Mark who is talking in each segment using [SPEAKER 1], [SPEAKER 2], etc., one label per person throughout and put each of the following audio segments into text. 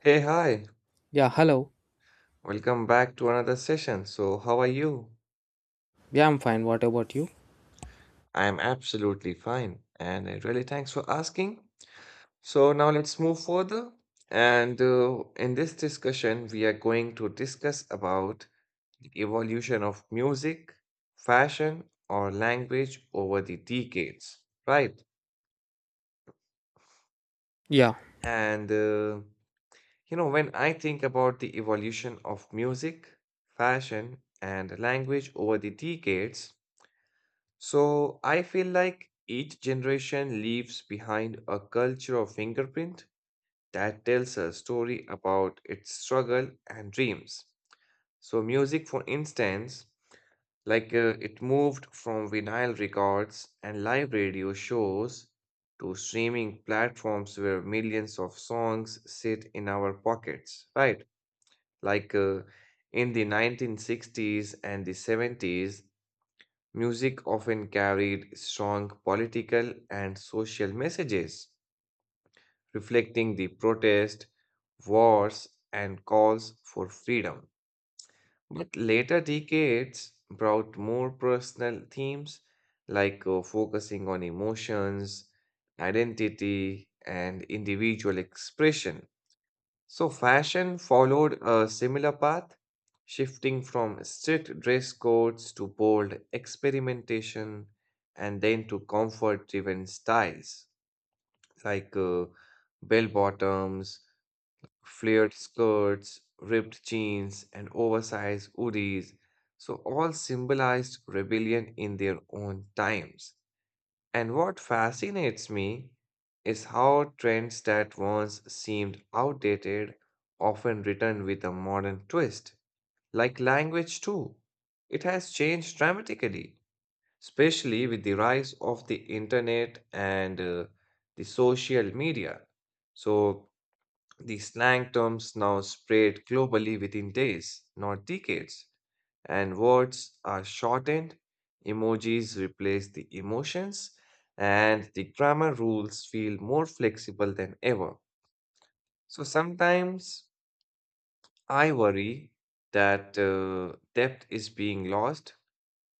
[SPEAKER 1] Hey, hi.
[SPEAKER 2] Yeah, hello.
[SPEAKER 1] Welcome back to another session. So, how are you?
[SPEAKER 2] Yeah, I'm fine. What about you?
[SPEAKER 1] I am absolutely fine, and really thanks for asking. So, now let's move further. And In this discussion, we are going to discuss about the evolution of music, fashion, or language over the decades, right?
[SPEAKER 2] Yeah,
[SPEAKER 1] And uh, when I think about the evolution of music, fashion, and language over the decades, so I feel like each generation leaves behind a cultural fingerprint that tells a story about its struggle and dreams. So, music, for instance, it moved from vinyl records and live radio shows to streaming platforms where millions of songs sit in our pockets, right? Like uh, in the 1960s and the 70s, music often carried strong political and social messages, reflecting the protest, wars, and calls for freedom. But later decades brought more personal themes focusing on emotions, identity, and individual expression. So, fashion followed a similar path, shifting from strict dress codes to bold experimentation and then to comfort driven styles like uh, bell bottoms, flared skirts, ripped jeans, and oversized hoodies. So, all symbolized rebellion in their own times. And what fascinates me is how trends that once seemed outdated often return with a modern twist. Like language, too. It has changed dramatically, especially with the rise of the internet and the social media. So, the slang terms now spread globally within days, not decades, and words are shortened, emojis replace the emotions, and the grammar rules feel more flexible than ever. So sometimes I worry that depth is being lost,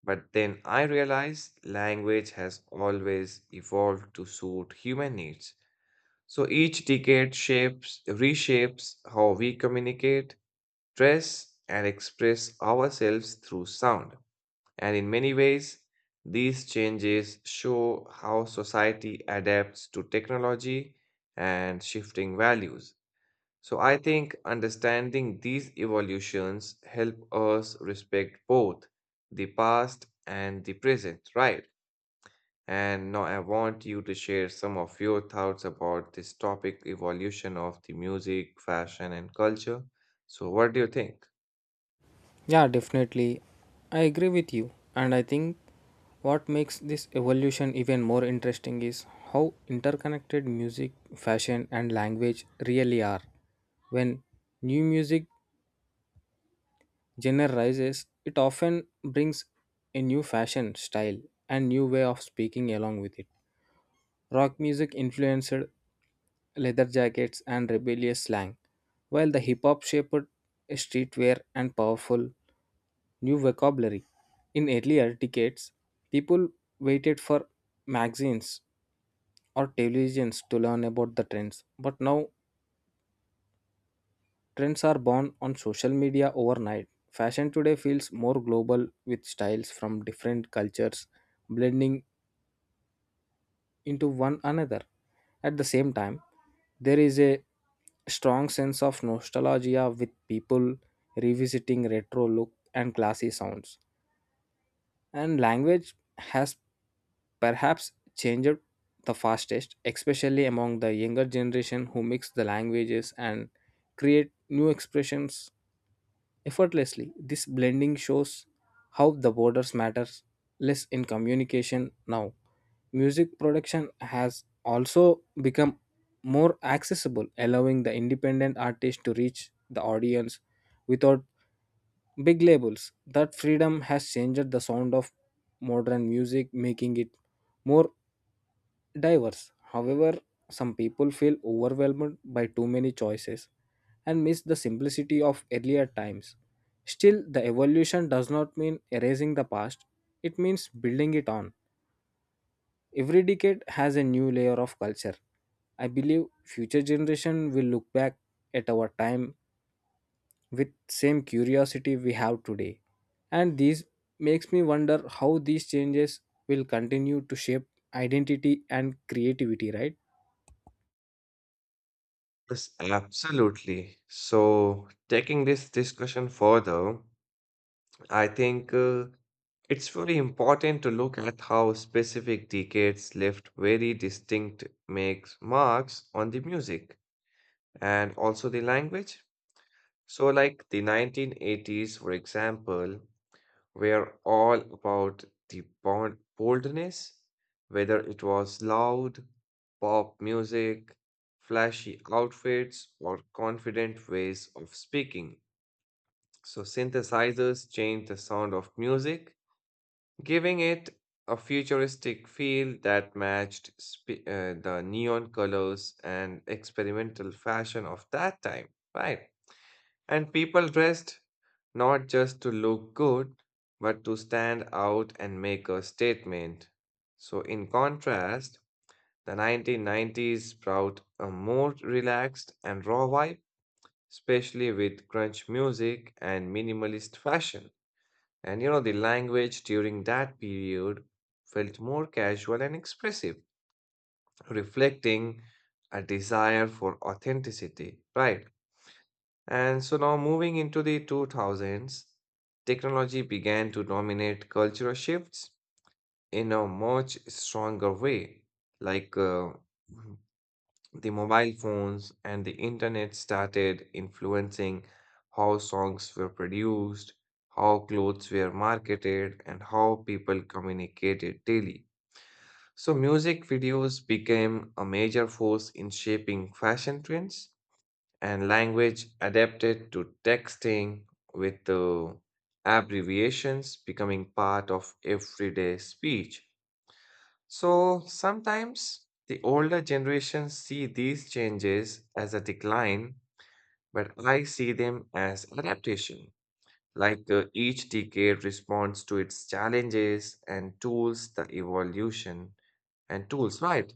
[SPEAKER 1] but then I realize language has always evolved to suit human needs. So each decade shapes, reshapes how we communicate, dress, and express ourselves through sound. And in many ways, these changes show how society adapts to technology and shifting values. So I think understanding these evolutions help us respect both the past and the present, right? And now I want you to share some of your thoughts about this topic, evolution of the music, fashion, and culture. So what do you think?
[SPEAKER 2] yeah, definitely. I agree with you. And I think what makes this evolution even more interesting is how interconnected music, fashion, and language really are. When new music genre rises, it often brings a new fashion style and new way of speaking along with it. Rock music influenced leather jackets and rebellious slang, while the hip hop shaped a streetwear and powerful new vocabulary. In earlier decades, people waited for magazines or televisions to learn about the trends, but now trends are born on social media overnight. Fashion today feels more global, with styles from different cultures blending into one another. At the same time, there is a strong sense of nostalgia with people revisiting retro look and classy sounds. And language has perhaps changed the fastest, especially among the younger generation who mix the languages and create new expressions effortlessly. This blending shows how the borders matters less in communication now. Music production has also become more accessible, allowing the independent artist to reach the audience without big labels. That freedom has changed the sound of modern music, making it more diverse. However, some people feel overwhelmed by too many choices and miss the simplicity of earlier times. Still, the evolution does not mean erasing the past, it means building it on. Every decade has a new layer of culture. I believe future generation will look back at our time with same curiosity we have today. And this makes me wonder how these changes will continue to shape identity and creativity, right?
[SPEAKER 1] Yes, absolutely. So, taking this discussion further, I think it's very important to look at how specific decades left very distinct makes marks on the music and also the language. So, like the 1980s, for example, were all about the bond boldness, whether it was loud, pop music, flashy outfits, or confident ways of speaking. So synthesizers changed the sound of music, giving it a futuristic feel that matched the neon colors and experimental fashion of that time, right? And people dressed not just to look good, but to stand out and make a statement. So, in contrast, the 1990s brought a more relaxed and raw vibe, especially with crunch music and minimalist fashion. And you know, the language during that period felt more casual and expressive, reflecting a desire for authenticity, right? And so now moving into the 2000s, technology began to dominate cultural shifts in a much stronger way. Like uh, Mhm. The mobile phones and the internet started influencing how songs were produced, how clothes were marketed, and how people communicated daily. So music videos became a major force in shaping fashion trends and language adapted to texting with the abbreviations becoming part of everyday speech. So sometimes the older generations see these changes as a decline, but I see them as adaptation. Each decade responds to its challenges and tools, the evolution and tools, right?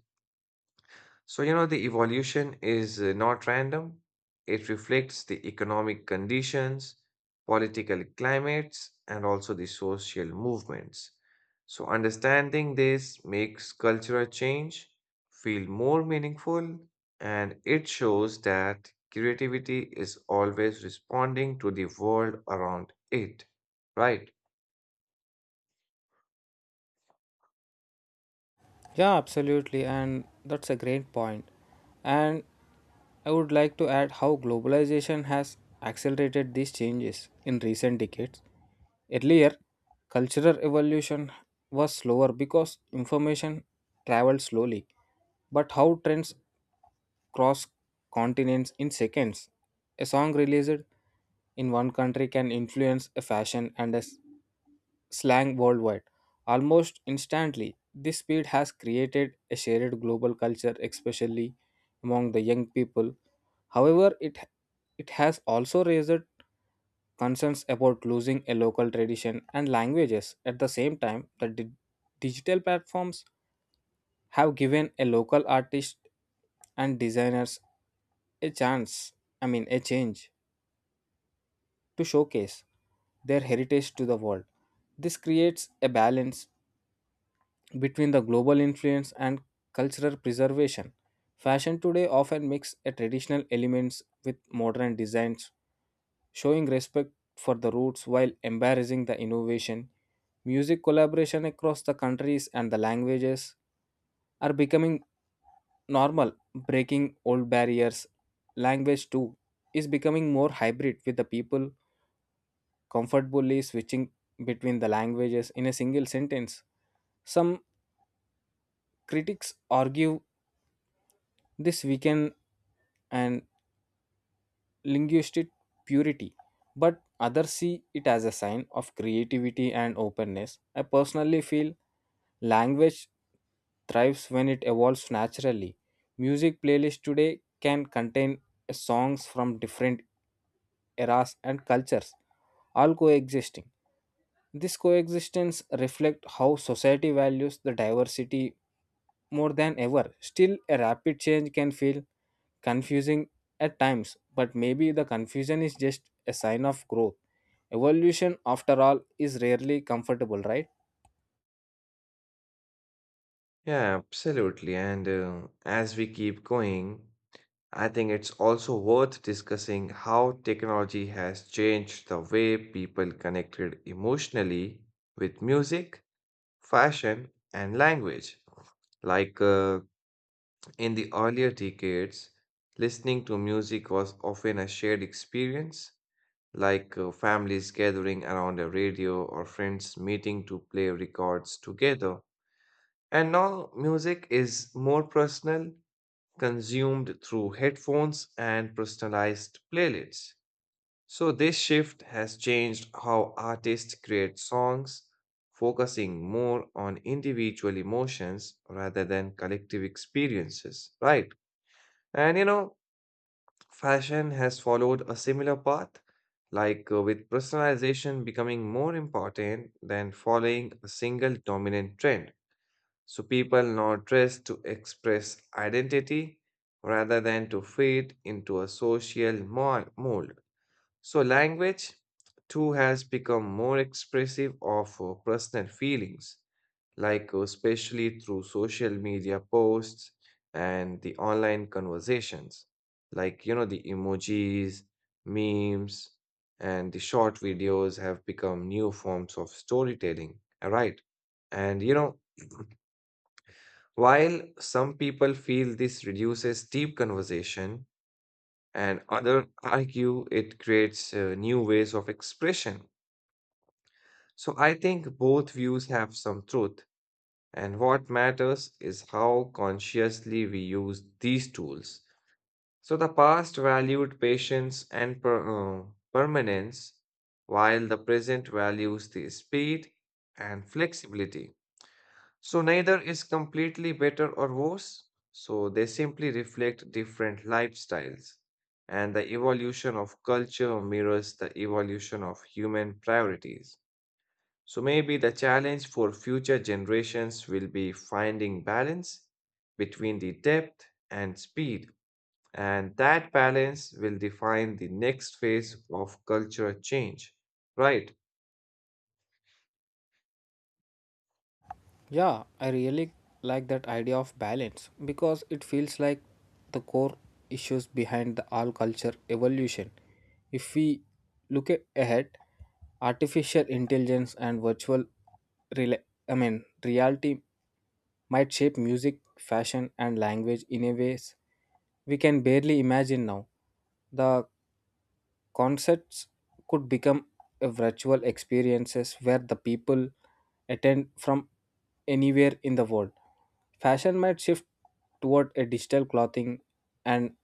[SPEAKER 1] So, you know, the evolution is not random. It reflects the economic conditions, political climates, and also the social movements. So, understanding this makes cultural change feel more meaningful and it shows that creativity is always responding to the world around it. Right?
[SPEAKER 2] Yeah, absolutely. And that's a great point. And I would like to add how globalization has accelerated these changes in recent decades. Earlier, cultural evolution was slower because information traveled slowly. But how trends cross continents in seconds? A song released in one country can influence a fashion and a slang worldwide. Almost instantly, this speed has created a shared global culture, especially among the young people. However, it has also raised concerns about losing a local tradition and languages. At the same time, the digital platforms have given a local artist and designers a chance, I mean, a change to showcase their heritage to the world. This creates a balance between the global influence and cultural preservation. Fashion today often mix a traditional elements with modern designs, showing respect for the roots while embracing the innovation. Music collaboration across the countries and the languages are becoming normal, breaking old barriers. Language too is becoming more hybrid, with the people comfortably switching between the languages in a single sentence. Some critics argue this weekend and linguistic purity, but others see it as a sign of creativity and openness. I personally feel language thrives when it evolves naturally. Music playlists today can contain songs from different eras and cultures, all coexisting. This coexistence reflects how society values the diversity more than ever. Still, a rapid change can feel confusing at times, but maybe the confusion is just a sign of growth. Evolution, after all, is rarely comfortable, right?
[SPEAKER 1] Yeah, absolutely. And As we keep going, I think it's also worth discussing how technology has changed the way people connected emotionally with music, fashion, and language. Like uh, in the earlier decades, listening to music was often a shared experience, families gathering around a radio or friends meeting to play records together. And now music is more personal, consumed through headphones and personalized playlists. So, this shift has changed how artists create songs, focusing more on individual emotions rather than collective experiences, right? And you know, fashion has followed a similar path, with personalization becoming more important than following a single dominant trend. So people now dress to express identity rather than to fit into a social mold. So language too has become more expressive of personal feelings, especially through social media posts and the online conversations, like you know the emojis, memes, and the short videos have become new forms of storytelling. All right. And you know, while some people feel this reduces deep conversation, and others argue it creates new ways of expression. So I think both views have some truth, and what matters is how consciously we use these tools. So the past valued patience and permanence, while the present values the speed and flexibility. So neither is completely better or worse. So they simply reflect different lifestyles. And the evolution of culture mirrors the evolution of human priorities. So maybe the challenge for future generations will be finding balance between the depth and speed. And that balance will define the next phase of culture change. Right.
[SPEAKER 2] Yeah, I really like that idea of balance because it feels like the core issues behind the all culture evolution. If we look ahead, artificial intelligence and virtual rela- I mean reality might shape music, fashion and language in a ways we can barely imagine now. The concerts could become a virtual experiences where the people attend from anywhere in the world. Fashion might shift toward a digital clothing and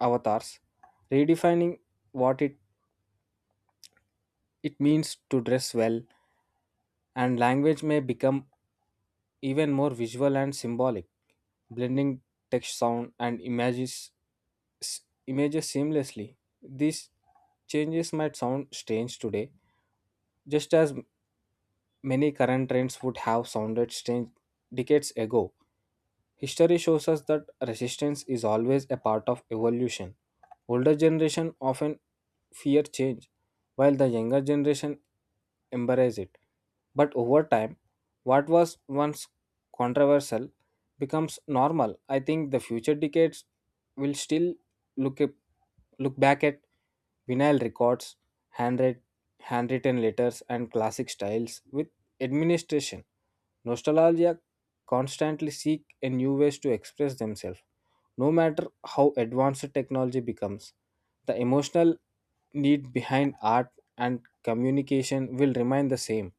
[SPEAKER 2] avatars, redefining what it means to dress well, and language may become even more visual and symbolic, blending text, sound, and s- images seamlessly. These changes might sound strange today, just as many current trends would have sounded strange decades ago. History shows us that resistance is always a part of evolution. Older generation often fear change, while the younger generation embrace it. But over time, what was once controversial becomes normal. I think the future decades will still look at, look back at vinyl records, handwrit handwritten letters, and classic styles with administration. Nostalgia constantly seek a new ways to express themselves. No matter how advanced technology becomes, the emotional need behind art and communication will remain the same.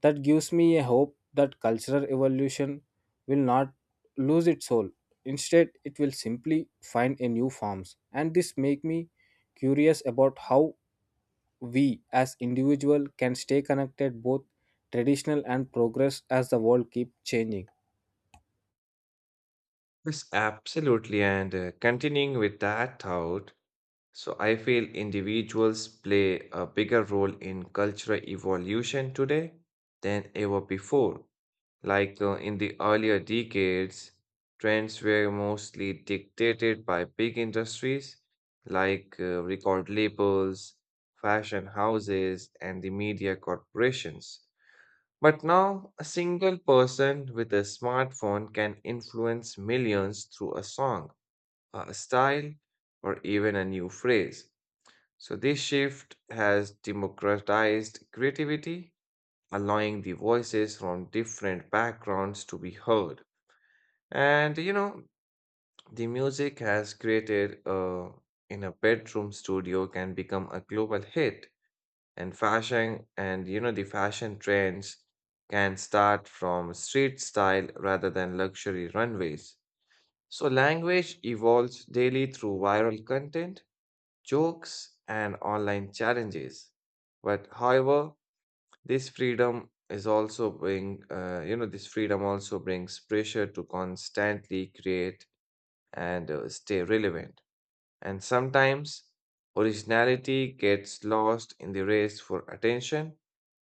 [SPEAKER 2] That gives me a hope that cultural evolution will not lose its soul. Instead, it will simply find a new forms. And this make me curious about how we as individual can stay connected both traditional and progress as the world keep changing.
[SPEAKER 1] Yes, absolutely. And Continuing with that thought, so I feel individuals play a bigger role in cultural evolution today than ever before. In the earlier decades, trends were mostly dictated by big industries record labels, fashion houses, and the media corporations. But now, a single person with a smartphone can influence millions through a song, a style, or even a new phrase. So, this shift has democratized creativity, allowing the voices from different backgrounds to be heard. And you know, the music has created in a bedroom studio can become a global hit, and fashion and you know, the fashion trends can start from street style rather than luxury runways. So, language evolves daily through viral content, jokes, and online challenges. But however, this freedom is also bring this freedom also brings pressure to constantly create and stay relevant. And sometimes originality gets lost in the race for attention.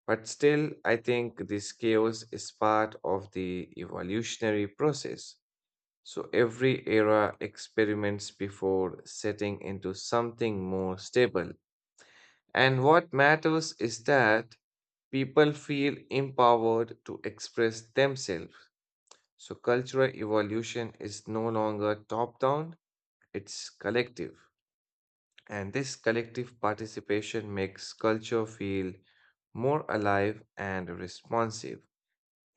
[SPEAKER 1] But still, I think this chaos is part of the evolutionary process. So every era experiments before setting into something more stable. And what matters is that people feel empowered to express themselves. So, cultural evolution is no longer top down, it's collective. And this collective participation makes culture feel more alive and responsive.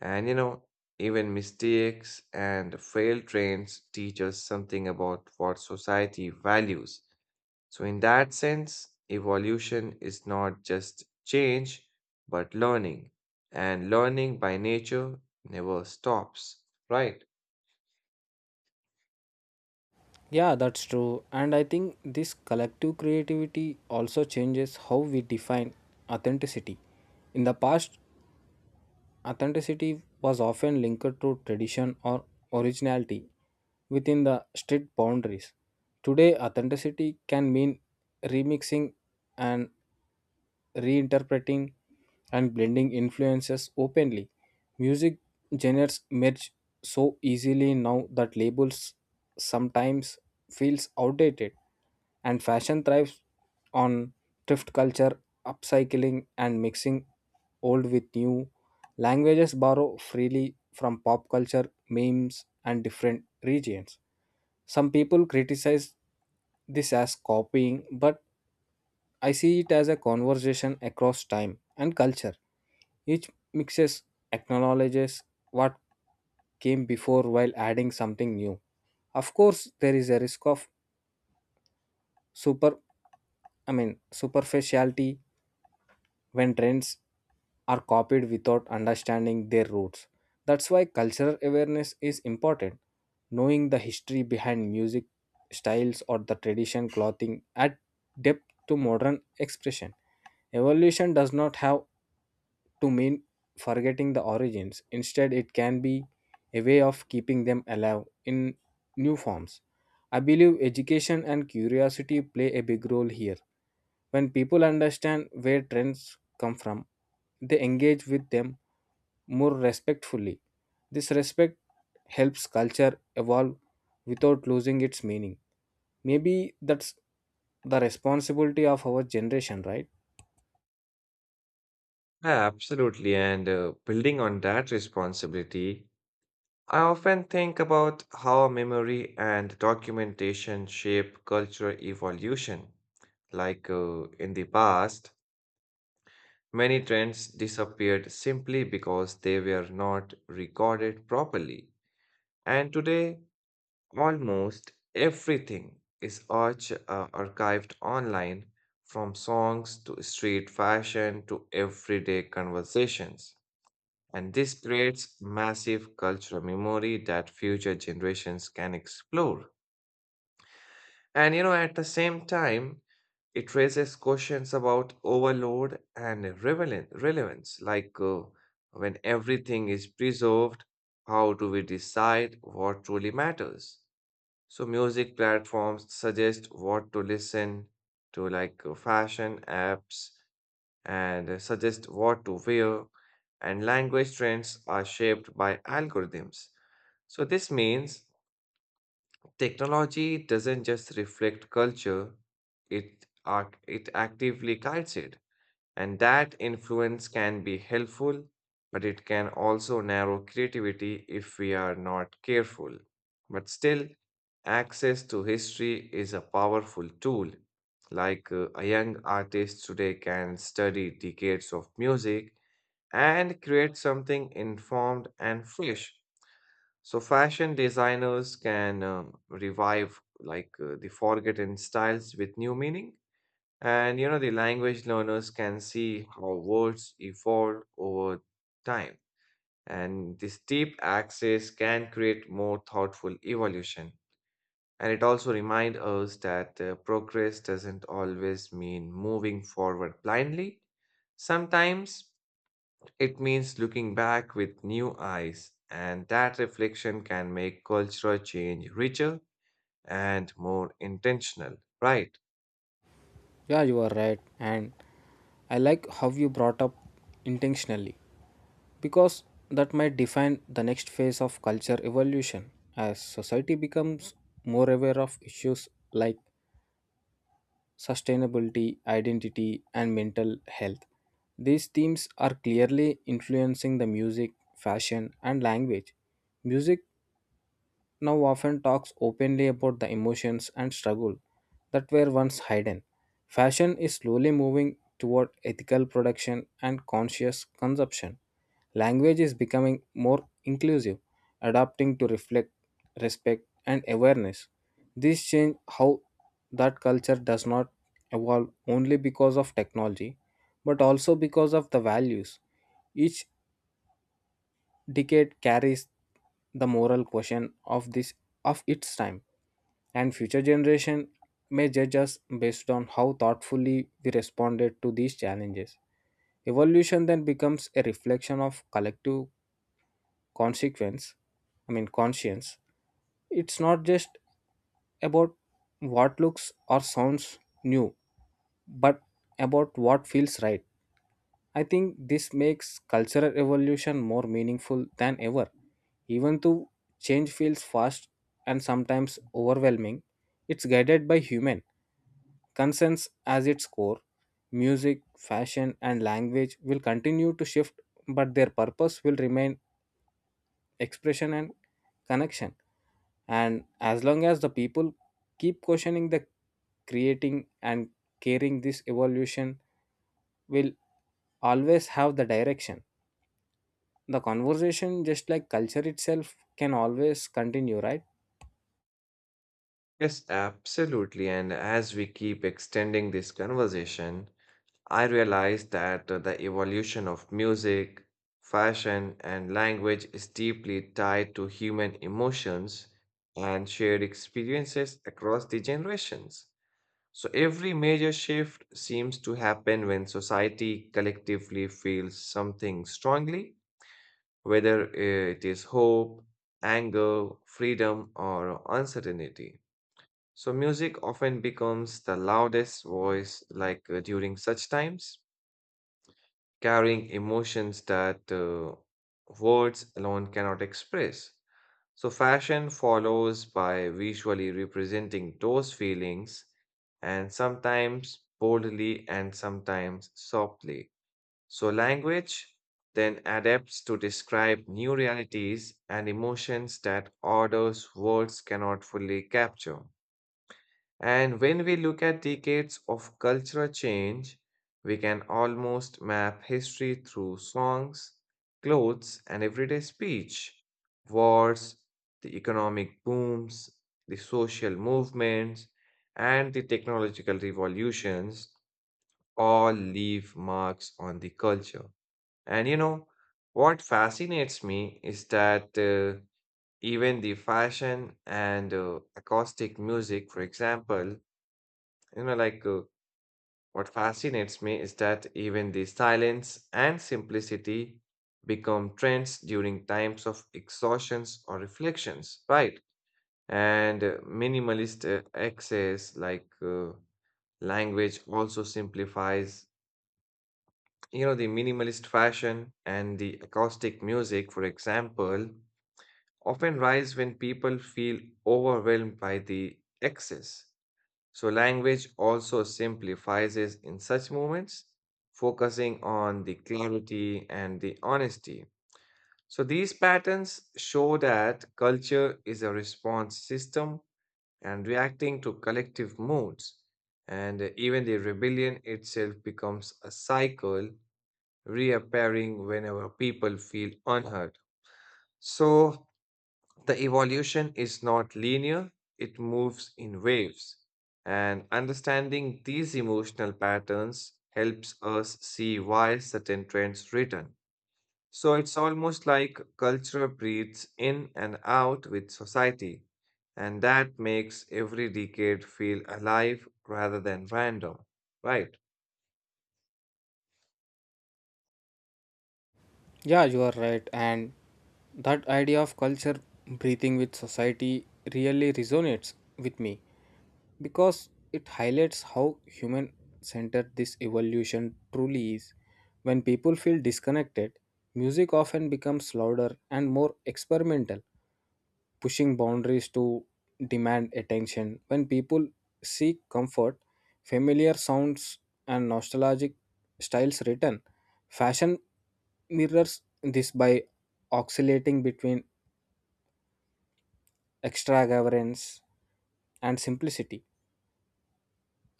[SPEAKER 1] And you know, even mistakes and failed trains teach us something about what society values. So, in that sense, evolution is not just change, but learning. And learning by nature never stops, right?
[SPEAKER 2] Yeah, that's true. And I think this collective creativity also changes how we define authenticity. In the past, authenticity was often linked to tradition or originality within the strict boundaries. Today, authenticity can mean remixing and reinterpreting and blending influences openly. Music genres merge so easily now that labels sometimes feels outdated, and fashion thrives on thrift culture, upcycling and mixing old with new. Languages borrow freely from pop culture, memes, and different regions. Some people criticize this as copying, but I see it as a conversation across time and culture. Each mixes acknowledges what came before while adding something new. Of course, there is a risk of super, I mean, superficiality when trends are copied without understanding their roots. That's why cultural awareness is important. Knowing the history behind music styles or the tradition clothing add depth to modern expression. Evolution does not have to mean forgetting the origins. Instead, it can be a way of keeping them alive in new forms. I believe education and curiosity play a big role here. When people understand where trends come from, they engage with them more respectfully. This respect helps culture evolve without losing its meaning. Maybe that's the responsibility of our generation, right?
[SPEAKER 1] Yeah, absolutely. And Building on that responsibility, I often think about how memory and documentation shape cultural evolution. In the past, many trends disappeared simply because they were not recorded properly. And today, almost everything is archived online, from songs to street fashion to everyday conversations. And this creates massive cultural memory that future generations can explore. And you know, at the same time, it raises questions about overload and relevance. When everything is preserved, how do we decide what truly matters? So music platforms suggest what to listen to, fashion apps, and suggest what to wear, and language trends are shaped by algorithms. So this means technology doesn't just reflect culture, it actively guides it. And that influence can be helpful, but it can also narrow creativity if we are not careful. But still, access to history is a powerful tool. A young artist today can study decades of music and create something informed and fresh. So, fashion designers can revive the forgotten styles with new meaning. And you know, the language learners can see how words evolve over time. And this deep access can create more thoughtful evolution. And it also reminds us that progress doesn't always mean moving forward blindly. Sometimes it means looking back with new eyes, and that reflection can make cultural change richer and more intentional, right?
[SPEAKER 2] Yeah, you are right. And I like how you brought up intentionally, because that might define the next phase of culture evolution as society becomes more aware of issues like sustainability, identity, and mental health. These themes are clearly influencing the music, fashion, and language. Music now often talks openly about the emotions and struggle that were once hidden. Fashion is slowly moving toward ethical production and conscious consumption. Language is becoming more inclusive, adapting to reflect respect and awareness. This change how that culture does not evolve only because of technology, but also because of the values each decade carries the moral question of this of its time, and future generation may judge us based on how thoughtfully we responded to these challenges. Evolution then becomes a reflection of collective consequence I mean conscience. It's not just about what looks or sounds new, but about what feels right. I think this makes cultural evolution more meaningful than ever. Even though change feels fast and sometimes overwhelming, it's guided by human concerns as its core. Music, fashion, and language will continue to shift, but their purpose will remain expression and connection. And as long as the people keep questioning the creating and caring, this evolution will always have the direction. The conversation, just like culture itself, can always continue, right?
[SPEAKER 1] Yes, absolutely. And as we keep extending this conversation, I realize that the evolution of music, fashion, and language is deeply tied to human emotions and shared experiences across the generations. So every major shift seems to happen when society collectively feels something strongly, whether it is hope, anger, freedom, or uncertainty. So music often becomes the loudest voice, during such times, carrying emotions that words alone cannot express. So fashion follows by visually representing those feelings, and sometimes boldly and sometimes softly. So language then adapts to describe new realities and emotions that orders words cannot fully capture. And when we look at decades of cultural change, we can almost map history through songs, clothes, and everyday speech. Wars, the economic booms, the social movements, and the technological revolutions all leave marks on the culture. And you know, what fascinates me is that even the fashion and acoustic music, for example, you know, like what fascinates me is that even the silence and simplicity become trends during times of exhaustions or reflections, right? And minimalist excess, like language, also simplifies. You know, the minimalist fashion and the acoustic music, for example, often rise when people feel overwhelmed by the excess. So, language also simplifies us in such moments, focusing on the clarity and the honesty. So, these patterns show that culture is a response system and reacting to collective moods. And even the rebellion itself becomes a cycle reappearing whenever people feel unheard. So, the evolution is not linear, it moves in waves. And understanding these emotional patterns helps us see why certain trends return. So it's almost like culture breathes in and out with society, and that makes every decade feel alive rather than random, right?
[SPEAKER 2] Yeah, you are right. And that idea of culture breathing with society really resonates with me, because it highlights how human centered this evolution truly is. When people feel disconnected, music often becomes louder and more experimental, pushing boundaries to demand attention. When people seek comfort, familiar sounds and nostalgic styles return. Fashion mirrors this by oscillating between extravagance and simplicity,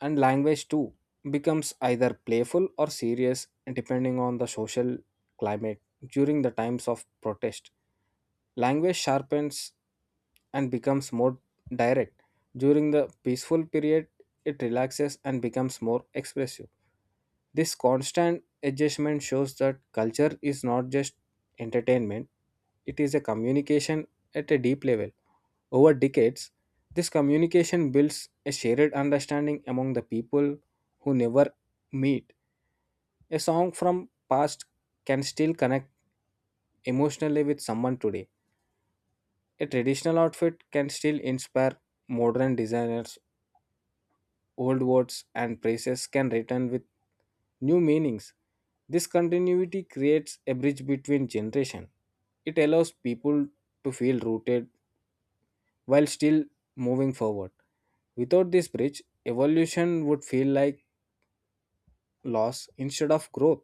[SPEAKER 2] and language too becomes either playful or serious depending on the social climate. During the times of protest, language sharpens and becomes more direct. During the peaceful period, it relaxes and becomes more expressive. This constant adjustment shows that culture is not just entertainment, it is a communication at a deep level. Over decades, this communication builds a shared understanding among the people who never meet. A song from past can still connect emotionally with someone today. A traditional outfit can still inspire modern designers. Old words and phrases can return with new meanings. This continuity creates a bridge between generations. It allows people to feel rooted while still moving forward. Without this bridge, evolution would feel like loss instead of growth.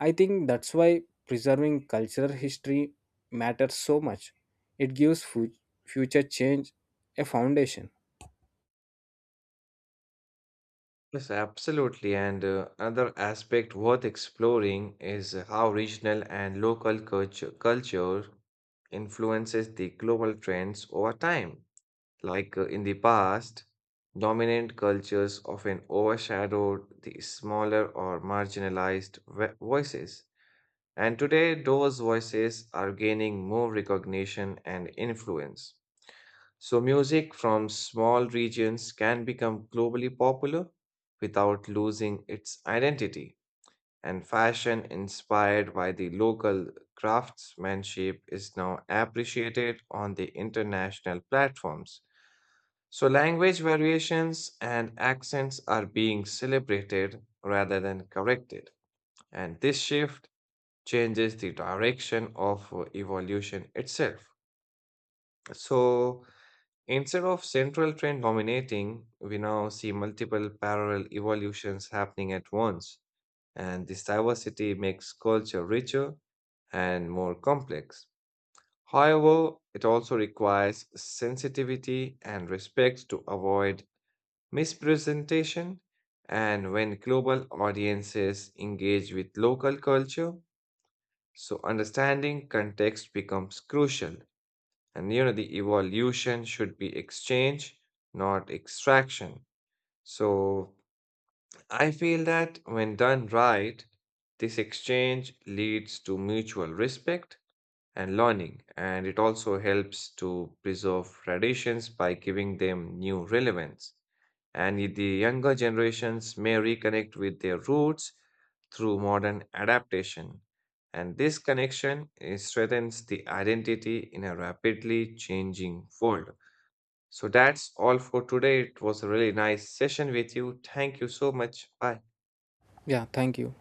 [SPEAKER 2] I think that's why preserving cultural history matters so much. It gives future change a foundation.
[SPEAKER 1] Yes, absolutely. And Another aspect worth exploring is how regional and local culture influences the global trends over time. In the past, dominant cultures often overshadowed the smaller or marginalized voices. And today, those voices are gaining more recognition and influence. So, music from small regions can become globally popular without losing its identity. And fashion inspired by the local craftsmanship is now appreciated on the international platforms. So, language variations and accents are being celebrated rather than corrected. And this shift changes the direction of evolution itself. So, instead of central trend dominating, we now see multiple parallel evolutions happening at once, and this diversity makes culture richer and more complex. However, it also requires sensitivity and respect to avoid mispresentation. And when global audiences engage with local culture, so understanding context becomes crucial. And you know, the evolution should be exchange, not extraction. So I feel that when done right, this exchange leads to mutual respect and learning, and it also helps to preserve traditions by giving them new relevance. The younger generations may reconnect with their roots through modern adaptation. And this connection strengthens the identity in a rapidly changing world. So that's all for today. It was a really nice session with you. Thank you so much. Bye.
[SPEAKER 2] Yeah, thank you.